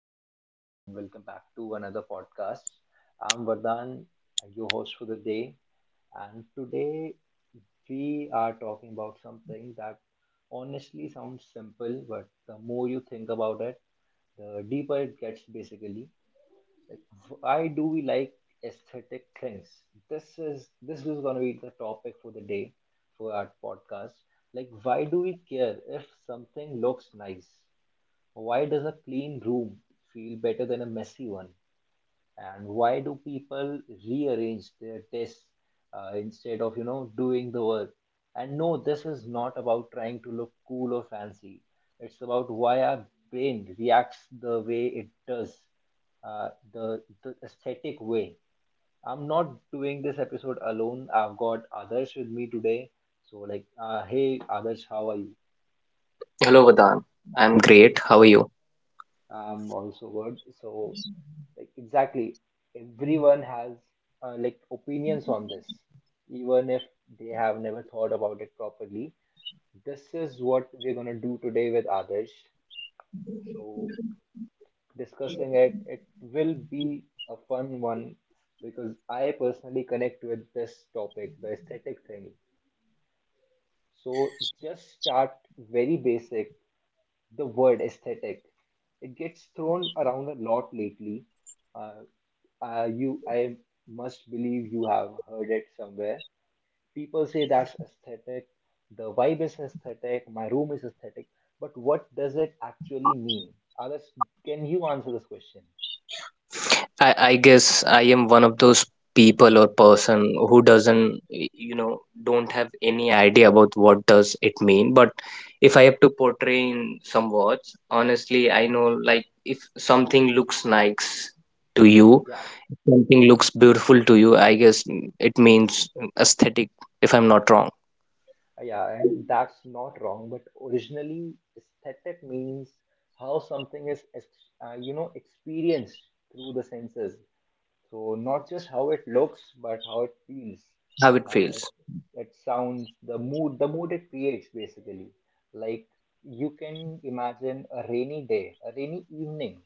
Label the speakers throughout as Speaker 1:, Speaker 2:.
Speaker 1: everyone, and welcome back to another podcast. I'm Vardhan, your host for the day, and today we are talking about something that honestly sounds simple, but the more you think about it, the deeper it gets basically. Like, why do we like aesthetic things? This is going to be the topic for the day for our podcast. Like, why do we care if something looks nice? Why does a clean room feel better than a messy one? And why do people rearrange their desks instead of doing the work? And no, this is not about trying to look cool or fancy. It's about why our brain reacts the way it does, the aesthetic way. I'm not doing this episode alone. I've got others with me today. So, like, hey, others, how are you?
Speaker 2: Hello, Vadan. I'm great. How are you?
Speaker 1: I'm also good. So, like exactly, everyone has like opinions on this, even if they have never thought about it properly. This is what we're gonna do today with Adarsh. So discussing it, it will be a fun one because I personally connect with this topic, the aesthetic thing. So just start very basic. The word aesthetic, it gets thrown around a lot lately. Uh, you I must believe you have heard it somewhere. People say that's aesthetic, the vibe is aesthetic, my room is aesthetic, but what does it actually mean? Others, can you answer this question?
Speaker 2: I guess I am one of those people or person who doesn't, don't have any idea about what does it mean. But if I have to portray in some words, honestly, I know like if something looks nice to you,
Speaker 1: Yeah,
Speaker 2: something looks beautiful to you, I guess it means aesthetic, if I'm not wrong,
Speaker 1: yeah, and that's not wrong, but originally aesthetic means how something is, experienced through the senses. So not just how it looks, but how it feels.
Speaker 2: how it
Speaker 1: Uh,
Speaker 2: feels.
Speaker 1: it it sounds, the mood it creates basically. Like you can imagine a rainy day, a rainy evening.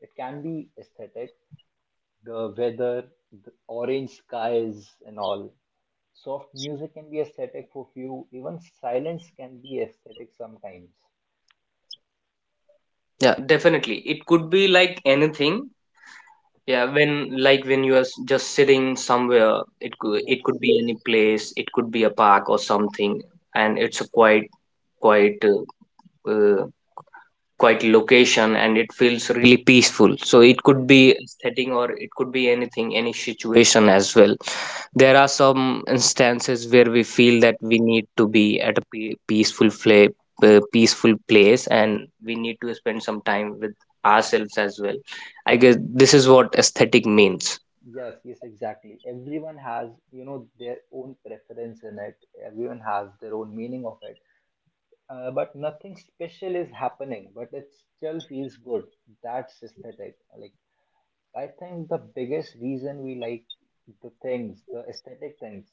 Speaker 1: It can be aesthetic, the weather, the orange skies and all. Soft music can be aesthetic for few. Even silence can be aesthetic sometimes.
Speaker 2: Yeah, definitely. It could be like anything. Yeah, when like when you are just sitting somewhere, it could
Speaker 1: Yes.
Speaker 2: be any place, it could be a park or something, and it's a quite uh, uh, quite location, and it feels really peaceful. So it could be aesthetic or it could be anything, any situation as well. There are some instances where we feel that we need to be at a pe peaceful fla peaceful place, and we need to spend some time with ourselves as well. I guess this is what aesthetic means.
Speaker 1: Yes, yes, exactly. Everyone has their own preference in it. Everyone has their own meaning of it. But nothing special is happening, but it still feels good. That's aesthetic. Like, I think the biggest reason we like the things, the aesthetic things,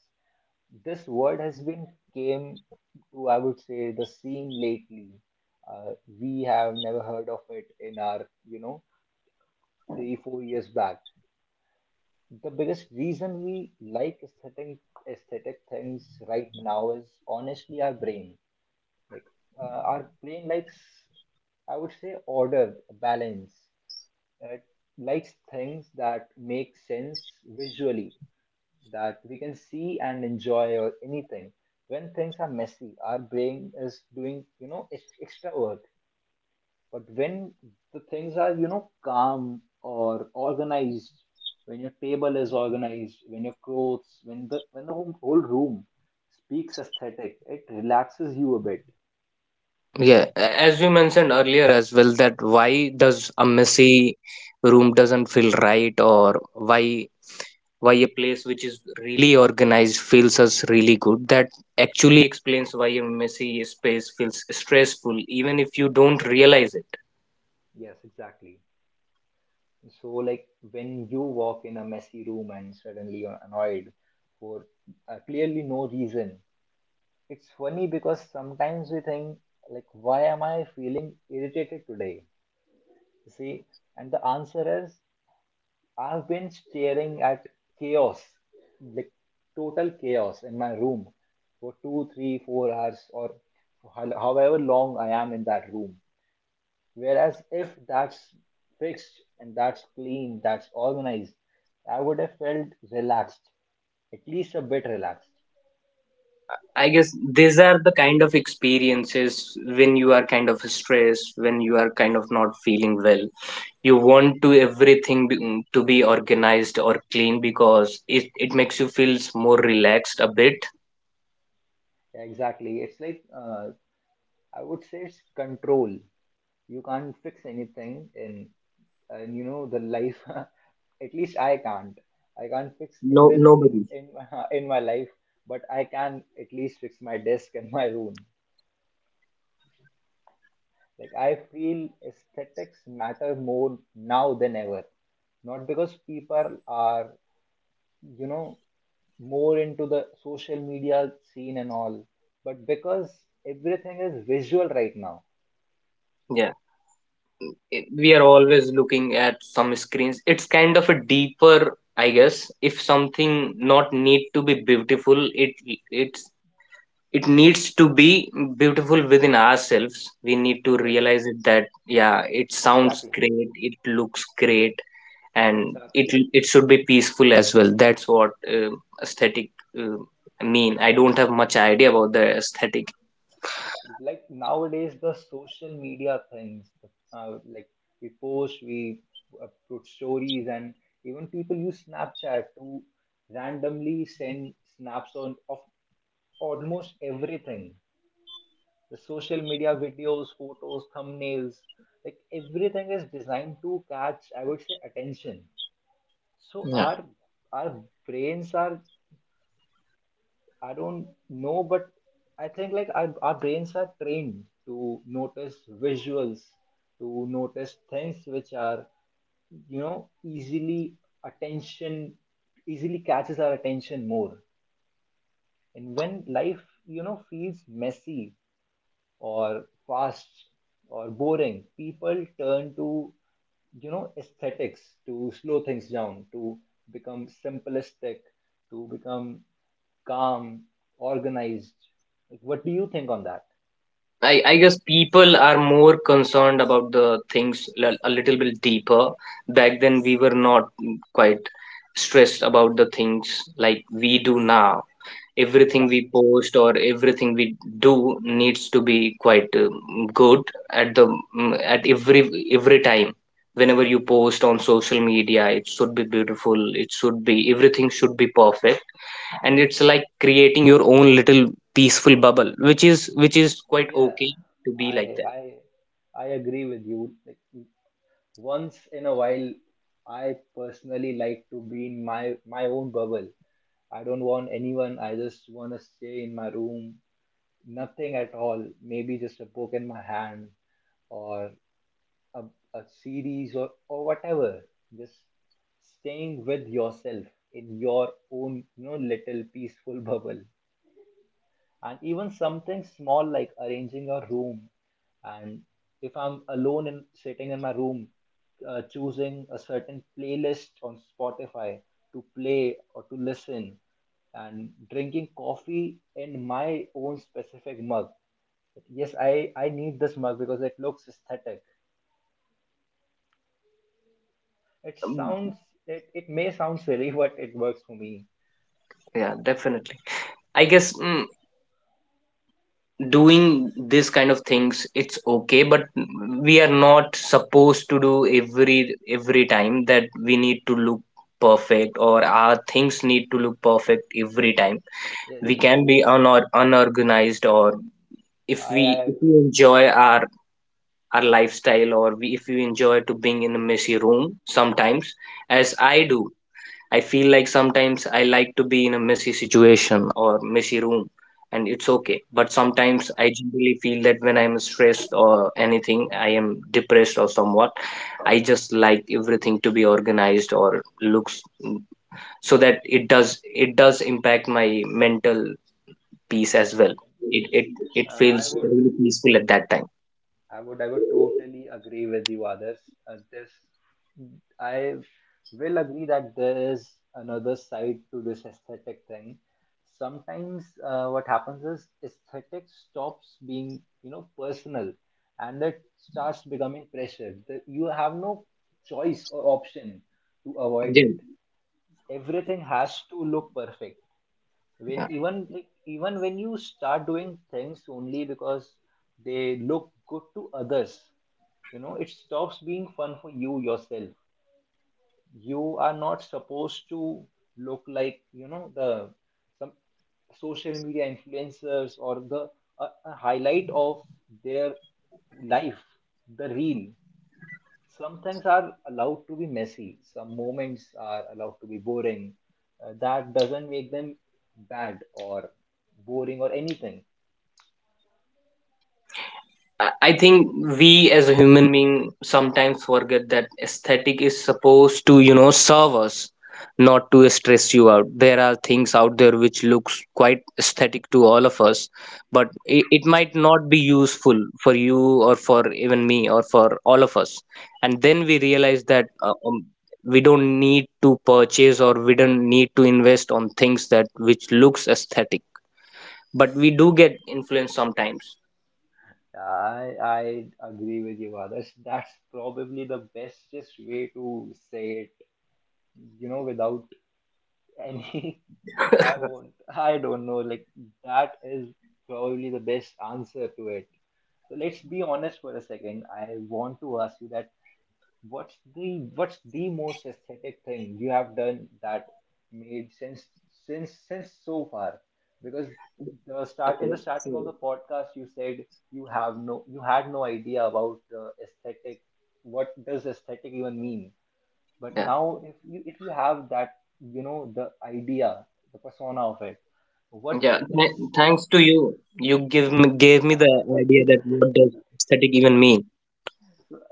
Speaker 1: this world has been came to, I would say, the scene lately. Uh, we have never heard of it in our 3, 4 years back. The biggest reason we like aesthetic things right now is honestly our brain. Like our brain likes, I would say, order, balance. It likes things that make sense visually, that we can see and enjoy, or anything. When things are messy, our brain is doing extra work. But when the things are calm or organized, when your table is organized, when your clothes, when the whole room speaks aesthetic, it relaxes you a bit.
Speaker 2: Yeah, as you mentioned earlier as well, that why does a messy room doesn't feel right, or why a place which is really organized feels us really good. That actually explains why a messy space feels stressful, even if you don't realize it.
Speaker 1: Yes, exactly. So like when you walk in a messy room and suddenly you're annoyed for clearly no reason, it's funny because sometimes we think like, why am I feeling irritated today? See, and the answer is I've been staring at chaos, like total chaos in my room for 2, 3, 4 hours or however long I am in that room. Whereas if that's fixed and that's clean, that's organized, I would have felt relaxed, at least a bit relaxed.
Speaker 2: I guess these are the kind of experiences when you are kind of stressed, when you are kind of not feeling well. You want to everything to be organized or clean because it makes you feels more relaxed a bit.
Speaker 1: Exactly. It's like, I would say it's control. You can't fix anything in, and, you know, the life. At least I can't. I can't fix
Speaker 2: No,
Speaker 1: everything in
Speaker 2: nobody.
Speaker 1: in my, in my life, but I can at least fix my desk and my room. Like I feel aesthetics matter more now than ever. Not because people are, you know, more into the social media scene and all, but because everything is visual right now.
Speaker 2: Yeah, it- we are always looking at some screens. It's kind of a deeper, I guess. If something not need to be beautiful, it it needs to be beautiful within ourselves. We need to
Speaker 1: Yes,
Speaker 2: realize it that yeah, it sounds
Speaker 1: exactly,
Speaker 2: great, it looks great, and it
Speaker 1: exactly.
Speaker 2: it should be peaceful as well. That's what aesthetic uh, mean. I don't have much idea about the aesthetic.
Speaker 1: Like nowadays the social media things like we upload stories, and even people use Snapchat to randomly send snaps on of almost everything, the social media videos, photos, thumbnails, like everything is designed to catch, I would say, attention. So
Speaker 2: Yeah,
Speaker 1: our brains are, I don't know, but I think like our brains are trained to notice visuals, to notice things which are easily attention, easily catches our attention more. And when life feels messy or fast or boring, people turn to aesthetics to slow things down, to become simplistic, to become calm, organized. Like, what do you think on that?
Speaker 2: I guess people are more concerned about the things a little bit deeper. Back then, we were not quite stressed about the things like we do now. Everything we
Speaker 1: Exactly.
Speaker 2: post or everything we do needs to be quite good at the at every time. Whenever you post on social media, it should be beautiful, it should be, everything should be perfect, and it's like creating your own little peaceful bubble, which is quite
Speaker 1: Yeah,
Speaker 2: okay to be
Speaker 1: I
Speaker 2: like that.
Speaker 1: I I agree with you. Like once in a while, I personally like to be in my own bubble. I don't want anyone. I just want to stay in my room, nothing at all. Maybe just a book in my hand, or a, a series, or whatever, just staying with yourself in your own little peaceful bubble. And even something small like arranging your room, and if I'm alone and sitting in my room, choosing a certain playlist on Spotify to play or to listen, and drinking coffee in my own specific mug. Yes, I need this mug because it looks aesthetic. It
Speaker 2: Um,
Speaker 1: sounds it may sound silly, but it works for me.
Speaker 2: yeah, definitely. I guess doing this kind of things it's okay, but we are not supposed to do every time that we need to look perfect or our things need to look perfect every time.
Speaker 1: Yeah,
Speaker 2: We
Speaker 1: yes.
Speaker 2: can be unorganized, or if we
Speaker 1: I
Speaker 2: if we enjoy our lifestyle, or we, if we enjoy to being in a messy room sometimes, as I do. I feel like sometimes I like to be in a messy situation or messy room, and it's okay. But sometimes
Speaker 1: yeah,
Speaker 2: I generally feel that when I'm stressed or anything, I am depressed or somewhat, I just like everything to be organized or looks, so that it does impact my mental peace as well.
Speaker 1: and-
Speaker 2: It
Speaker 1: yes.
Speaker 2: it it
Speaker 1: Uh, I
Speaker 2: feels
Speaker 1: would
Speaker 2: really peaceful at that time.
Speaker 1: I would totally agree with you, others. This I will agree that there is another side to this aesthetic thing. Sometimes what happens is aesthetic stops being personal, and it starts becoming pressure. You have no choice or option to avoid
Speaker 2: Yeah.
Speaker 1: it. Everything has to look perfect, when even even when you start doing things only because they look good to others, you know it stops being fun for you yourself. You are not supposed to look like the some social media influencers, or a highlight of their life, the reel. Some things are allowed to be messy, some moments are allowed to be boring. That doesn't make them bad or boring or anything.
Speaker 2: I think we as a human being sometimes forget that aesthetic is supposed to, you know, serve us, not to stress you out. There are things out there which looks quite aesthetic to all of us, but it might not be useful for you or for even me or for all of us. And then we realize that we don't need to purchase or we don't need to invest on things that which looks aesthetic, but we do get influenced sometimes.
Speaker 1: I agree with you, others. That's probably the bestest way to say it, you know without any I don't know, like that is probably the best answer to it. So let's be honest for a second. I want to ask you that, what's the most aesthetic thing you have done that made sense, since so far? Because the start in the
Speaker 2: Okay,
Speaker 1: starting of
Speaker 2: so
Speaker 1: the podcast, you said you had no idea about the aesthetic. What does aesthetic even mean? But
Speaker 2: yeah.
Speaker 1: now, if you have that, you know the idea, the persona of it. What
Speaker 2: Yeah,
Speaker 1: is what?
Speaker 2: thanks to you, gave me the idea that what does aesthetic even mean.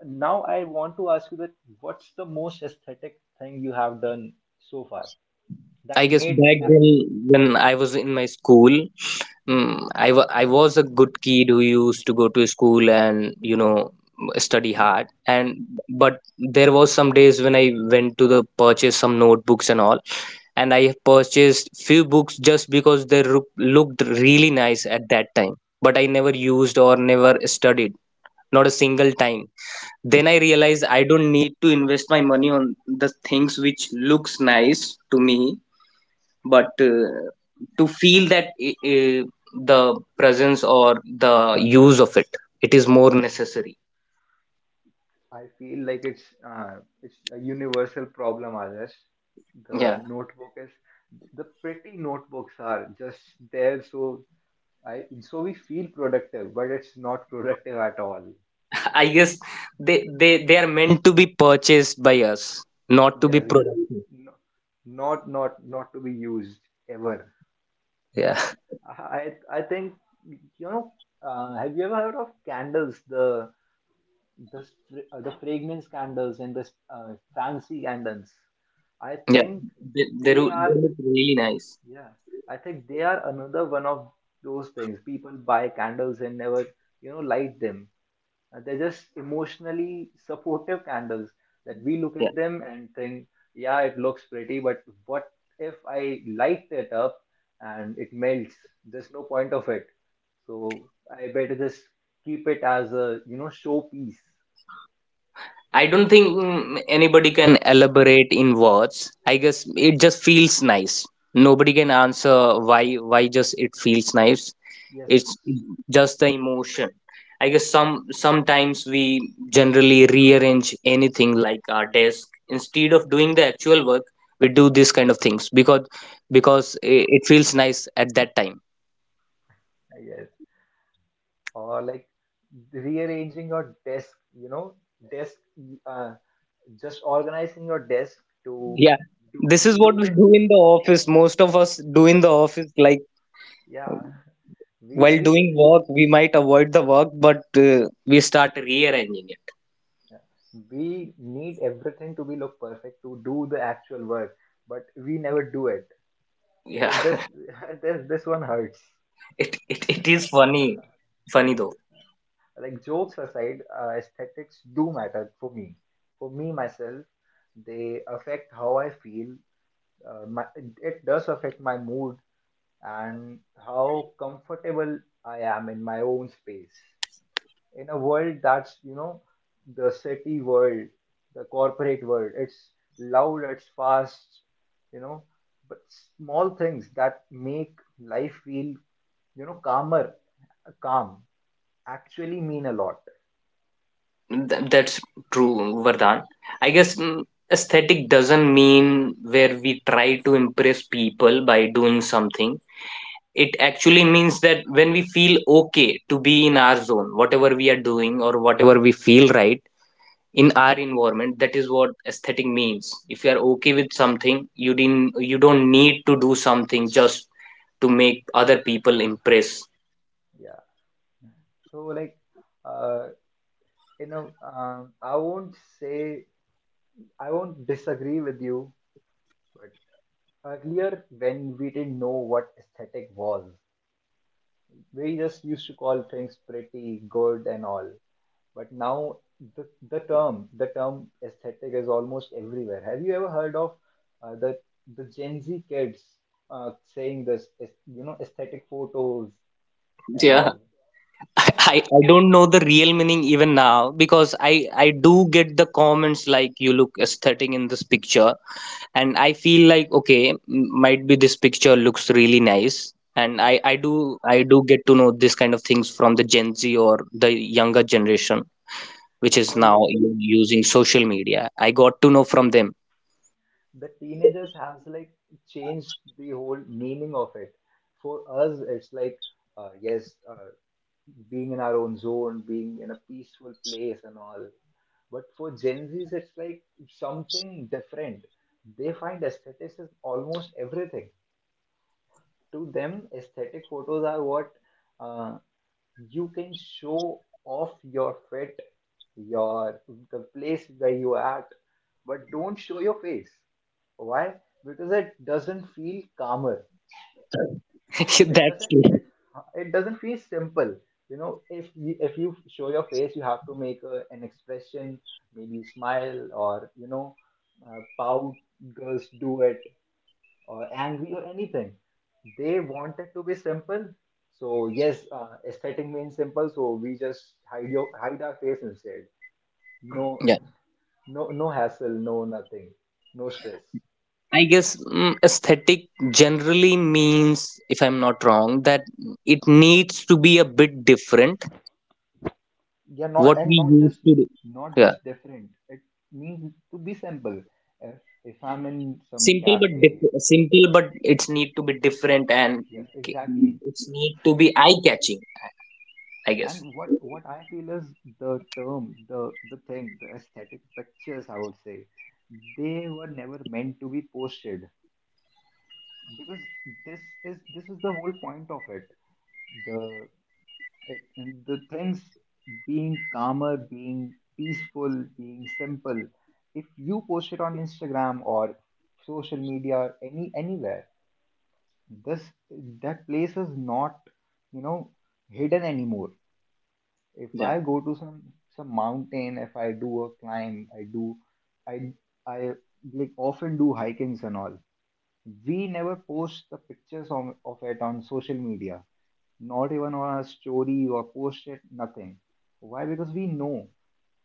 Speaker 1: Now I want to ask you that, what's the most aesthetic thing you have done so far,
Speaker 2: I
Speaker 1: that
Speaker 2: guess
Speaker 1: made
Speaker 2: back then, when I was in my school, I was a good kid who used to go to school and you know study hard. And but there was some days when I went to the purchase some notebooks and all, and I purchased few books just because they looked really nice at that time. But I never used or never studied, not a single time. Then I realize I don't need to invest my money on the things which looks nice to me, but to feel that the presence or the use of it, it is more necessary.
Speaker 1: I feel like it's a universal problem, others.
Speaker 2: Yeah,
Speaker 1: The notebook is the pretty notebooks are just there, so I so we feel productive, but it's not productive at all.
Speaker 2: I guess they are meant to be purchased by us, not to be
Speaker 1: Yes,
Speaker 2: productive.
Speaker 1: no, not to be used ever.
Speaker 2: Yeah.
Speaker 1: I think you know. Have you ever heard of candles? The fragrance candles, and the fancy candles, I
Speaker 2: Yeah,
Speaker 1: think they
Speaker 2: they
Speaker 1: are
Speaker 2: look really nice.
Speaker 1: yeah, I think they are another one of those things. People buy candles and never light them. They're just emotionally supportive candles, that we look
Speaker 2: Yeah.
Speaker 1: at them and think, yeah, it looks pretty, but what if I light it up and it melts? There's no point of it, so I better just keep it as a showpiece.
Speaker 2: I don't think anybody can elaborate in words. I guess it just feels nice. Nobody can answer why just it feels nice.
Speaker 1: Yes.
Speaker 2: It's just the emotion. I guess sometimes we generally rearrange anything like our desk instead of doing the actual work. We do these kind of things because it feels nice at that time.
Speaker 1: Yes, or like rearranging your desk, desk, uh, just organizing your desk to
Speaker 2: Yeah,
Speaker 1: do
Speaker 2: this is
Speaker 1: to
Speaker 2: what
Speaker 1: do
Speaker 2: we
Speaker 1: the,
Speaker 2: do in the office. Most of us do in the office like
Speaker 1: yeah.
Speaker 2: while
Speaker 1: We
Speaker 2: doing work, we might avoid the work, but we start rearranging it.
Speaker 1: yeah, we need everything to be look perfect to do the actual work, but we never do it.
Speaker 2: Yeah,
Speaker 1: Eh, This This one hurts.
Speaker 2: it is funny. Funny though.
Speaker 1: Like jokes aside, aesthetics do matter for me. For me myself, they affect how I feel. My, it does affect my mood, and how comfortable I am in my own space, in a world that's, you know, the city world, the corporate world. It's loud, it's fast, you know, but small things that make life feel, you know, calm, actually mean a lot.
Speaker 2: That's true, Vardhan. I guess aesthetic doesn't mean where we try to impress people by doing something. It actually means that when we feel okay to be in our zone, whatever we are doing or whatever we feel right, in our environment, that is what aesthetic means. If you are okay with something, you didn't, you don't need to do something just to make other people impress.
Speaker 1: Yeah. So like, uh, you know, um, I won't say I won't disagree with you, but earlier when we didn't know what aesthetic was, we just used to call things pretty good and all, but now the term aesthetic is almost everywhere. Have you ever heard of uh, the the Gen Z kids saying this aesthetic photos and
Speaker 2: Yeah.
Speaker 1: all?
Speaker 2: I don't know the real meaning even now, because I do get the comments like you look aesthetic in this picture, and I feel like okay, m- might be this picture looks really nice, and I do I do get to know this kind of things from the Gen Z or the younger generation, which is
Speaker 1: the
Speaker 2: now
Speaker 1: young-
Speaker 2: using social media. I got to know from them.
Speaker 1: the teenagers has like changed the whole meaning of it. For us, it's like yes, being in our own zone, being in a peaceful place and all. But for Gen Zs, it's like something different. They find aesthetics is almost everything. To them, aesthetic photos are what uh, you can show off your fit, your the place where you are at, but don't show your face. Why? Because it doesn't feel calmer. it
Speaker 2: That's
Speaker 1: doesn't
Speaker 2: true.
Speaker 1: it it doesn't feel simple. If you show your face, you have to make an expression, maybe smile, or pout. Girls do it, or angry or anything. They want it to be simple. So yes, aesthetic means simple, so we just hide our face instead. No,
Speaker 2: Yeah.
Speaker 1: no, no hassle, no nothing, no stress.
Speaker 2: I guess aesthetic generally means, if I'm not wrong, that it needs to be a bit different
Speaker 1: Yeah,
Speaker 2: what we
Speaker 1: not just,
Speaker 2: used to do.
Speaker 1: not
Speaker 2: Yeah.
Speaker 1: just different it means to be simple. if, if I'm in some
Speaker 2: Simple but
Speaker 1: cafe.
Speaker 2: simple, but it's need to be different and
Speaker 1: Yes,
Speaker 2: ca-
Speaker 1: exactly.
Speaker 2: it's need to be eye catching. I guess.
Speaker 1: And what I feel is, the term the thing the aesthetic pictures, I would say, they were never meant to be posted. Because this is the whole point of it. The Right. And the things, being calmer, being peaceful, being simple. If you post it on Instagram or social media, or anywhere, this that place is not, you know, hidden anymore. If
Speaker 2: Yeah.
Speaker 1: I go to some mountain, if I do a climb, I I like often do hikings and all. We never post the pictures on, of it on social media, not even on a story or post it, nothing. Why? Because we know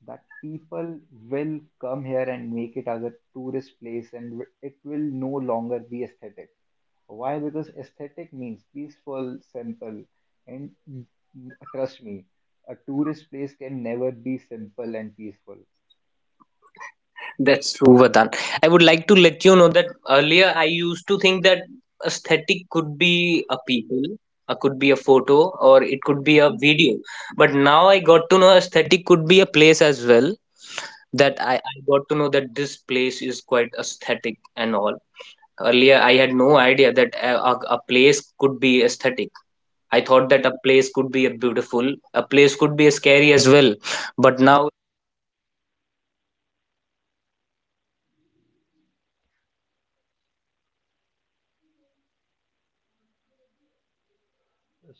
Speaker 1: that people will come here and make it as a tourist place, and it will no longer be aesthetic. Why? Because aesthetic means peaceful, simple, and trust me, a tourist place can never be simple and peaceful.
Speaker 2: That's true, Vardhan. I would like to let you know that earlier I used to think that aesthetic could be a people, could be a photo, or it could be a video. But now I got to know aesthetic could be a place as well. That
Speaker 1: Yes.
Speaker 2: I got to know that this place is quite aesthetic and all. Earlier I had no idea that a place could be aesthetic. I thought that a place could be a beautiful, a place could be a scary as well. But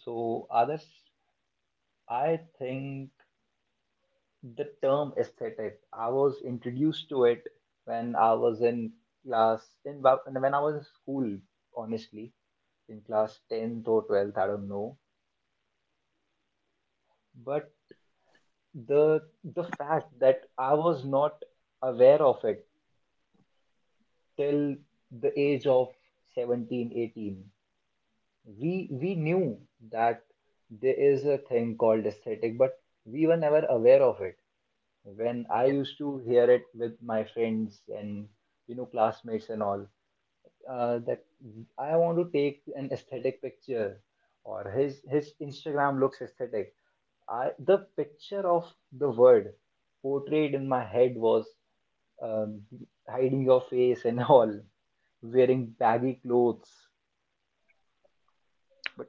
Speaker 1: So, others, I think the term aesthetic, I was introduced to it when I was in class, when I was in school, honestly, in class 10th or 12th, I don't know. But the fact that I was not aware of it till the age of 17, 18. We knew that there is a thing called aesthetic, but we were never aware of it. When
Speaker 2: yeah,
Speaker 1: I used to hear it with my friends and you know classmates and all, that I want to take an aesthetic picture, or his Instagram looks aesthetic. I, the picture of the word portrayed in my head was, um, hiding your face and all, wearing baggy clothes. But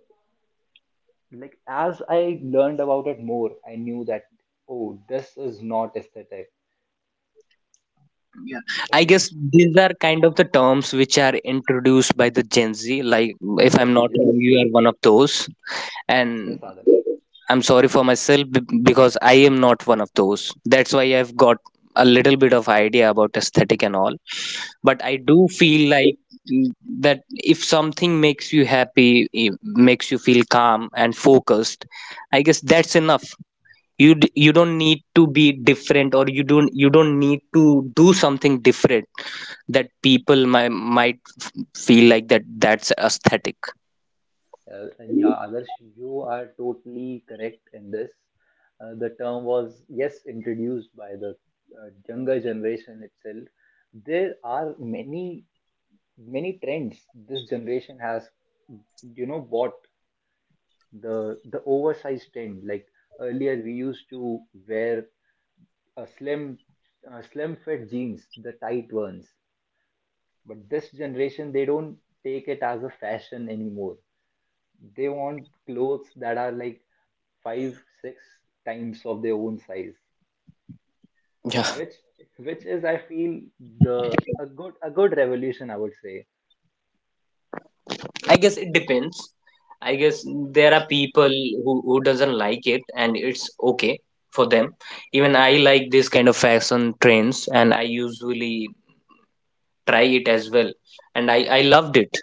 Speaker 1: like as I learned about it more, I knew that, oh, this is not aesthetic.
Speaker 2: yeah.
Speaker 1: Like
Speaker 2: I guess these are kind of the terms which are introduced by the Gen Z. Like, if
Speaker 1: yes,
Speaker 2: I'm not
Speaker 1: yes,
Speaker 2: wrong, you are one of those, and
Speaker 1: yes, Adarsh.
Speaker 2: I'm sorry for myself because I am not one of those. That's why I've got a little bit of idea about aesthetic and all. But I do
Speaker 1: The,
Speaker 2: feel like mm, that if something makes you happy, makes you feel calm and focused, I guess that's enough. You you don't need to be different, or you don't, you don't need to do something different that people might feel like that that's aesthetic.
Speaker 1: and yeah, Adarsh, you are totally correct in this. The term was, yes, introduced by the younger generation itself. There are many, many trends this generation has, you know, bought, the oversized trend. Like earlier, we used to wear a slim, slim fit jeans, the tight ones. But this generation, they don't take it as a fashion anymore. They want clothes that are like 5 6 times of their own size,
Speaker 2: Yeah,
Speaker 1: which which is I feel the a good revolution, I would say.
Speaker 2: I guess it depends. I guess there are people who doesn't like it, and it's okay for them. Even I like this kind of fashion trends and I usually try it as well, and I loved it.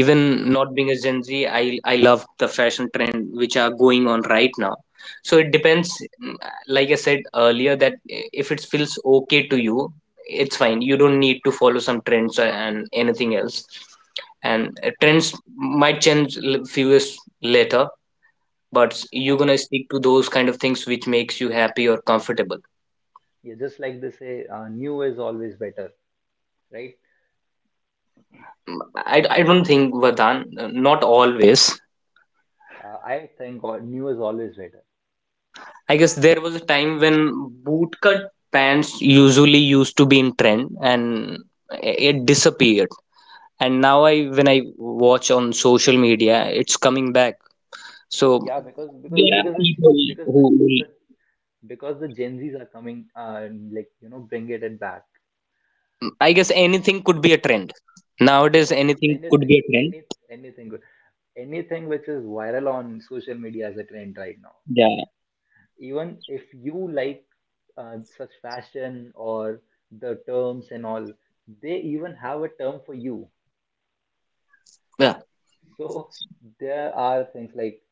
Speaker 2: Even not being a Gen Z, I love the fashion trend which are going on right now. So it depends. mm, like I said earlier that if it feels okay to you, it's fine. You don't need to follow some trends and anything else. And trends might change few years later, but
Speaker 1: uh,
Speaker 2: you're gonna stick to those kind of things which makes you happy or comfortable.
Speaker 1: yeah, just like they say, new is always better, right?
Speaker 2: I don't think, Vadan, not always.
Speaker 1: I think new is always better.
Speaker 2: I guess there was a time when bootcut pants usually used to be in trend, and it disappeared. And now I when I watch on social media, it's coming back. So
Speaker 1: Yeah, because because
Speaker 2: there are
Speaker 1: because it-
Speaker 2: people
Speaker 1: because
Speaker 2: who will.
Speaker 1: the because the Gen Z's are coming, like you know, bring it and back.
Speaker 2: I guess anything could be a trend.
Speaker 1: Yeah,
Speaker 2: Nowadays
Speaker 1: any,
Speaker 2: anything could
Speaker 1: anything
Speaker 2: be a trend.
Speaker 1: any anything good, anything which is viral on social media is a trend right now.
Speaker 2: Yeah.
Speaker 1: Even if you like such fashion or the terms and all, they even have a term for you. So there are things like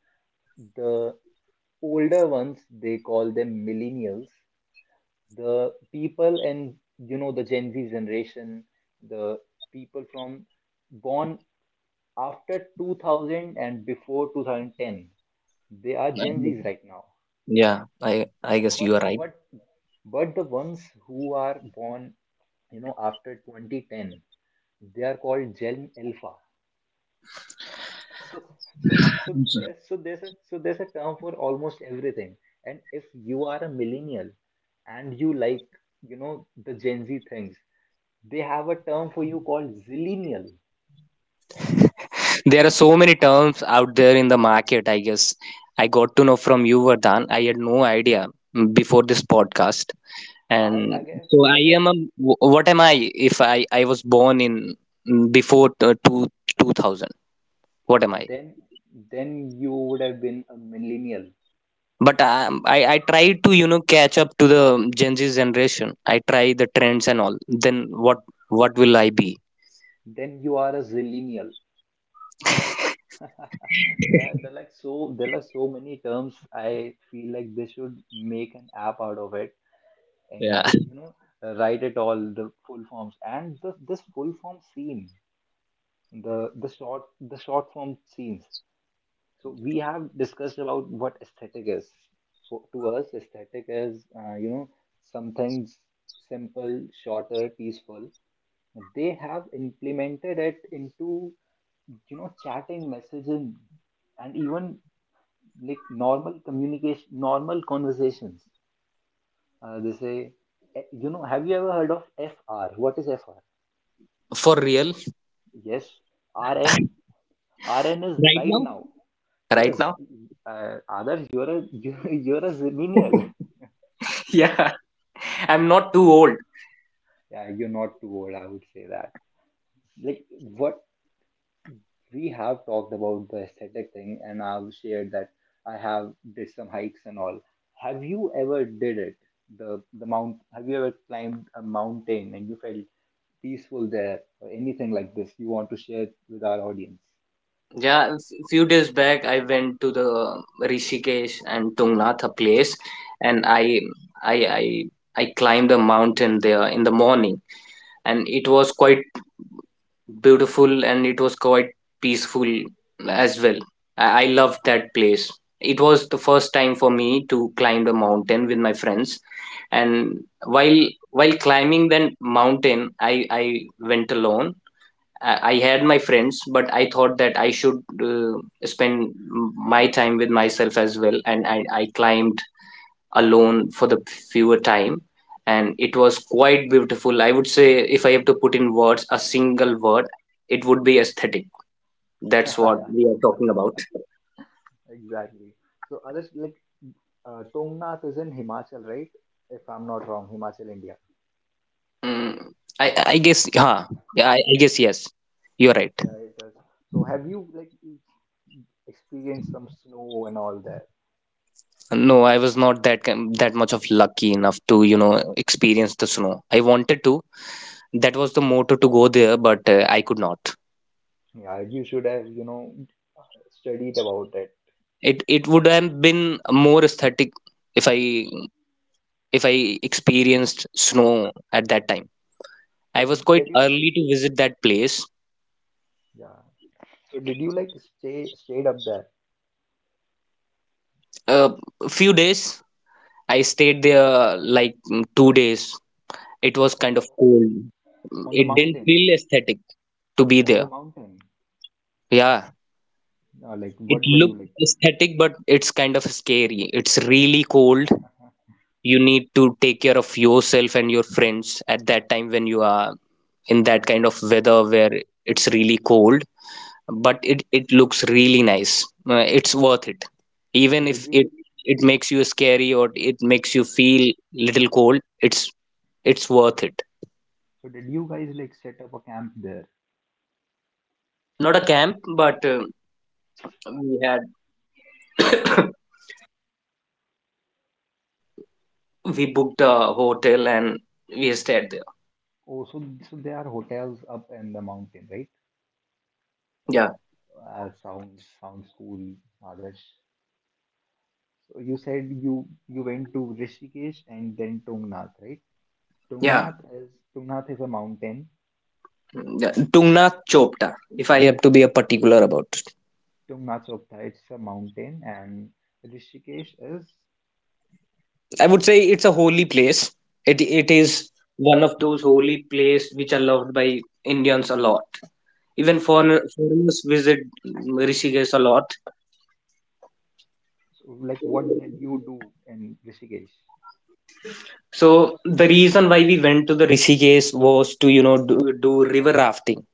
Speaker 1: the older ones, they call them millennials. The people, and you know the Gen Z generation, the people from born after 2000 and before 2010, they are Gen
Speaker 2: Yeah.
Speaker 1: Zs right now.
Speaker 2: Yeah, I guess you
Speaker 1: But
Speaker 2: are
Speaker 1: but but the ones who are born, you know, after 2010, they are called Gen Alpha. So
Speaker 2: right.
Speaker 1: there's a term for almost everything. And if you are a millennial and you like, you know, the Gen Z things, they have a term for you called zillennial.
Speaker 2: There are so many terms out there in the market, I guess. I got to know from you, Vardhan. I had no idea before this podcast. And
Speaker 1: I guess
Speaker 2: so I
Speaker 1: I guess
Speaker 2: am a, what am I if I was born in before 2000? What am I?
Speaker 1: then then you would have been a millennial.
Speaker 2: But I try to, catch up to the Gen Z generation. I try the trends and all. Then what will I be?
Speaker 1: Then you are a zillennial. There are like, so there are so many terms. I feel like they should make an app out of it, and
Speaker 2: Yeah.
Speaker 1: you know, write it all, the full forms and this full form scene, the short form scenes. So we have discussed about what aesthetic is. To us, aesthetic is you know, some things simple, shorter, peaceful. They have implemented it into you know chatting, messaging, and even like normal communication, normal conversations. They say, you know, have you ever heard of FR? What is FR?
Speaker 2: For real?
Speaker 1: Yes, RN. RN is
Speaker 2: Right
Speaker 1: right
Speaker 2: now?
Speaker 1: now.
Speaker 2: Right
Speaker 1: Yes,
Speaker 2: now?
Speaker 1: Adarsh, you're a you're a millennial.
Speaker 2: Yeah. I'm not too old.
Speaker 1: Yeah, you're not too old, I would say that. Like what we have talked about, the aesthetic thing, and I've shared that I have did some hikes and all. Have you ever did it? The mount. Have you ever climbed a mountain and you felt peaceful there, or anything like this you want to share with our audience?
Speaker 2: Yeah, few days back I went to the Rishikesh and Tungnath a place, and I I I climbed a mountain there in the morning, and it was quite beautiful, and it was quite peaceful as well. I loved that place. It was the first time for me to climb the mountain with my friends, and while while climbing that mountain, I went alone. I had my friends, but I thought that I should uh, spend my time with myself as well. And I climbed alone for the fewer time, and it was quite beautiful. I would say, if I have to put in words, a single word, it would be aesthetic. That's what we are talking about.
Speaker 1: Exactly. So others, like Tongnath is in Himachal, right? If I'm not wrong, Himachal, India.
Speaker 2: Mm, I guess yeah, yeah. I guess yes. You're right.
Speaker 1: Yeah, it is. So have you like experienced some snow and all that?
Speaker 2: No, I was not that much of lucky enough to, you know, experience the snow. I wanted to. That was the motto to go there, but I could not.
Speaker 1: Yeah, you should have, you know, studied about it.
Speaker 2: It would have been more aesthetic if I, if I experienced snow at that time. I
Speaker 1: So
Speaker 2: was quite
Speaker 1: did you?
Speaker 2: early to visit that place.
Speaker 1: Yeah. So did you like stayed up there
Speaker 2: uh, A few days I stayed there, like 2 days. It was
Speaker 1: on
Speaker 2: kind
Speaker 1: the,
Speaker 2: of cold.
Speaker 1: on the
Speaker 2: It didn't
Speaker 1: mountain,
Speaker 2: feel aesthetic to be
Speaker 1: on the
Speaker 2: there.
Speaker 1: mountain?
Speaker 2: Yeah,
Speaker 1: Like
Speaker 2: it
Speaker 1: what were you
Speaker 2: looked
Speaker 1: like?
Speaker 2: aesthetic, but it's kind of scary. It's really cold. You need to take care of yourself and your friends at that time when you are in that kind of weather where it's really cold, but it looks really nice. It's worth it
Speaker 1: So
Speaker 2: even
Speaker 1: did
Speaker 2: if
Speaker 1: you?
Speaker 2: it it makes you scary or it makes you feel little cold. it's it's worth it.
Speaker 1: So did you guys like set up a camp there?
Speaker 2: Not a camp, but we had we booked a hotel and we stayed there.
Speaker 1: Oh, so so there are hotels up in the mountain, right?
Speaker 2: Yeah.
Speaker 1: Sounds cool, Adarsh. So you said you went to Rishikesh and then Tungnath, right?
Speaker 2: Yeah,
Speaker 1: Tungnath is Tungnath is a mountain.
Speaker 2: yeah. Tungnath Chopta, if I have to be a particular about.
Speaker 1: Tungnath Chopta, it's a mountain, and Rishikesh is,
Speaker 2: I would say it's a holy place. It
Speaker 1: okay.
Speaker 2: is one of those holy places which are loved by Indians a lot. Even
Speaker 1: Okay.
Speaker 2: foreigners visit Rishikesh a lot.
Speaker 1: So like, what did you do in Rishikesh?
Speaker 2: So the reason why we went to the Rishikesh was to, you know, do river rafting.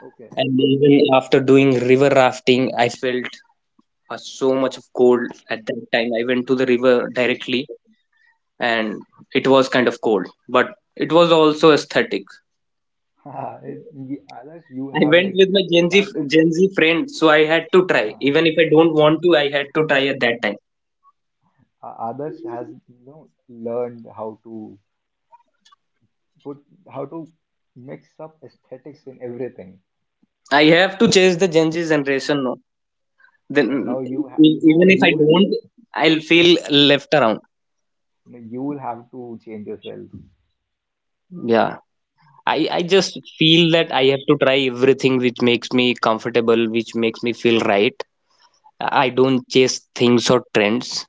Speaker 1: Okay.
Speaker 2: And even after doing river rafting, I felt so much of cold at that time. I went to the river directly, and it was kind of cold, but it was also aesthetic.
Speaker 1: Others, you
Speaker 2: I
Speaker 1: have
Speaker 2: went
Speaker 1: like
Speaker 2: with my Gen Z
Speaker 1: started.
Speaker 2: Gen Z friend, so I had to try.
Speaker 1: Yeah.
Speaker 2: Even if I don't want to, I had to try at that time.
Speaker 1: Adarsh has you know learned how to put how to mix up aesthetics in everything.
Speaker 2: I have to chase the Gen Z generation now.
Speaker 1: And
Speaker 2: Then,
Speaker 1: now you ha-
Speaker 2: even
Speaker 1: you
Speaker 2: if I
Speaker 1: you
Speaker 2: don't, I'll feel left around.
Speaker 1: you will have to change yourself.
Speaker 2: Yeah. I just feel that I have to try everything which makes me comfortable, which makes me feel right. I don't chase things or trends.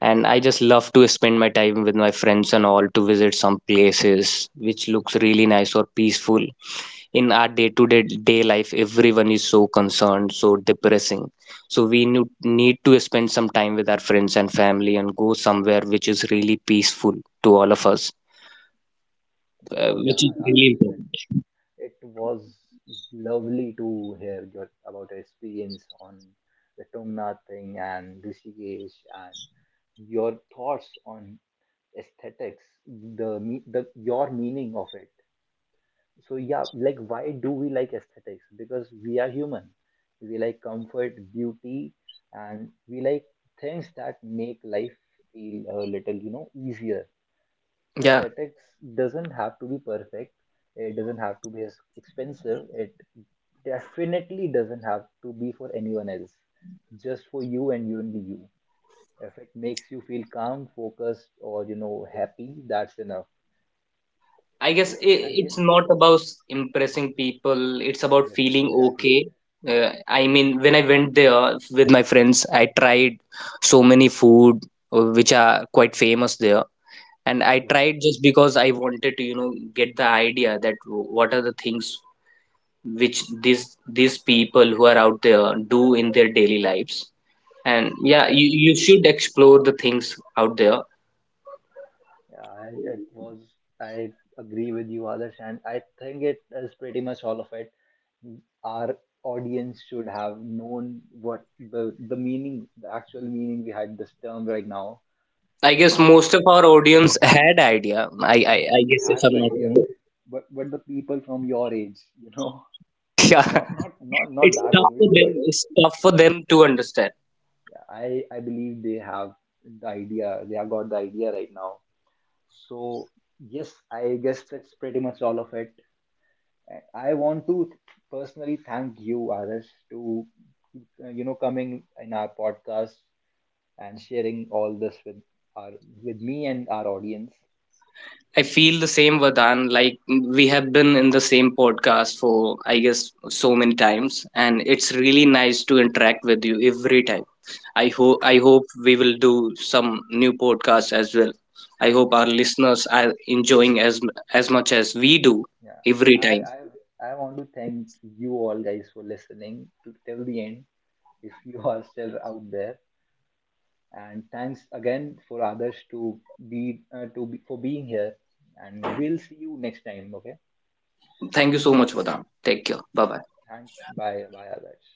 Speaker 2: And I just love to spend my time with my friends and all, to visit some places which looks really nice or peaceful. In our day to day day life, everyone is so concerned, so depressing, so we need to spend some time with our friends and family and go somewhere which is really peaceful to all of us,
Speaker 1: So
Speaker 2: which
Speaker 1: yeah,
Speaker 2: is really
Speaker 1: Adarsh,
Speaker 2: important.
Speaker 1: it was lovely to hear about your experience on the Tungnath thing and Rishikesh, and your thoughts on aesthetics, the your meaning of it. So yeah, like why do we like aesthetics? Because we are human, we like comfort, beauty, and we like things that make life feel a little, you know, easier.
Speaker 2: Yeah,
Speaker 1: Aesthetics doesn't have to be perfect, it doesn't have to be as expensive, it definitely doesn't have to be for anyone else, just for you and you only, you. If it makes you feel calm, focused, or you know happy, that's enough.
Speaker 2: I guess
Speaker 1: Oh,
Speaker 2: I,
Speaker 1: I
Speaker 2: it's
Speaker 1: guess.
Speaker 2: not about impressing people, it's about
Speaker 1: Yes,
Speaker 2: feeling
Speaker 1: exactly.
Speaker 2: okay. uh, I mean when I went there with my friends I tried so many food, which are quite famous there, and I
Speaker 1: Yes.
Speaker 2: tried just because I wanted to, you know, get the idea that what are the things which these people who are out there do in their daily lives. And
Speaker 1: Yeah,
Speaker 2: yeah,
Speaker 1: I was,
Speaker 2: you should explore the things out there.
Speaker 1: yeah, I- It was. I agree with you, Adarsh, and I think it is pretty much all of it. Our audience should have known what the meaning, the actual meaning behind this term right now.
Speaker 2: I guess
Speaker 1: I,
Speaker 2: most of our audience had idea. I
Speaker 1: I
Speaker 2: guess if
Speaker 1: had
Speaker 2: I'm
Speaker 1: the
Speaker 2: not
Speaker 1: idea,
Speaker 2: wrong.
Speaker 1: but the people from your age, you know,
Speaker 2: Yeah,
Speaker 1: not
Speaker 2: it's
Speaker 1: that
Speaker 2: tough
Speaker 1: old,
Speaker 2: for them,
Speaker 1: but
Speaker 2: to understand.
Speaker 1: I believe they have the idea. They have got the idea right now. So yes, I guess that's pretty much all of it. And I want to personally thank you, Arish, to you know, coming in our podcast and sharing all this with our, with me and our audience.
Speaker 2: I feel the same, Vardhan. Like we have been in the same podcast for, I guess, so many times, and it's really nice to interact with you every time. I hope we will do some new podcasts as well. I hope
Speaker 1: Yes,
Speaker 2: our listeners are enjoying as much as we do
Speaker 1: yeah.
Speaker 2: every
Speaker 1: I
Speaker 2: time.
Speaker 1: I I want to thank you all guys for listening to till the end. If you are still out there, and thanks again for Adarsh to be, for being here. And we'll see you next time. Okay.
Speaker 2: Thank you so much, Vardhan. Take care. Bye bye.
Speaker 1: Thanks. Bye. Bye, Adarsh.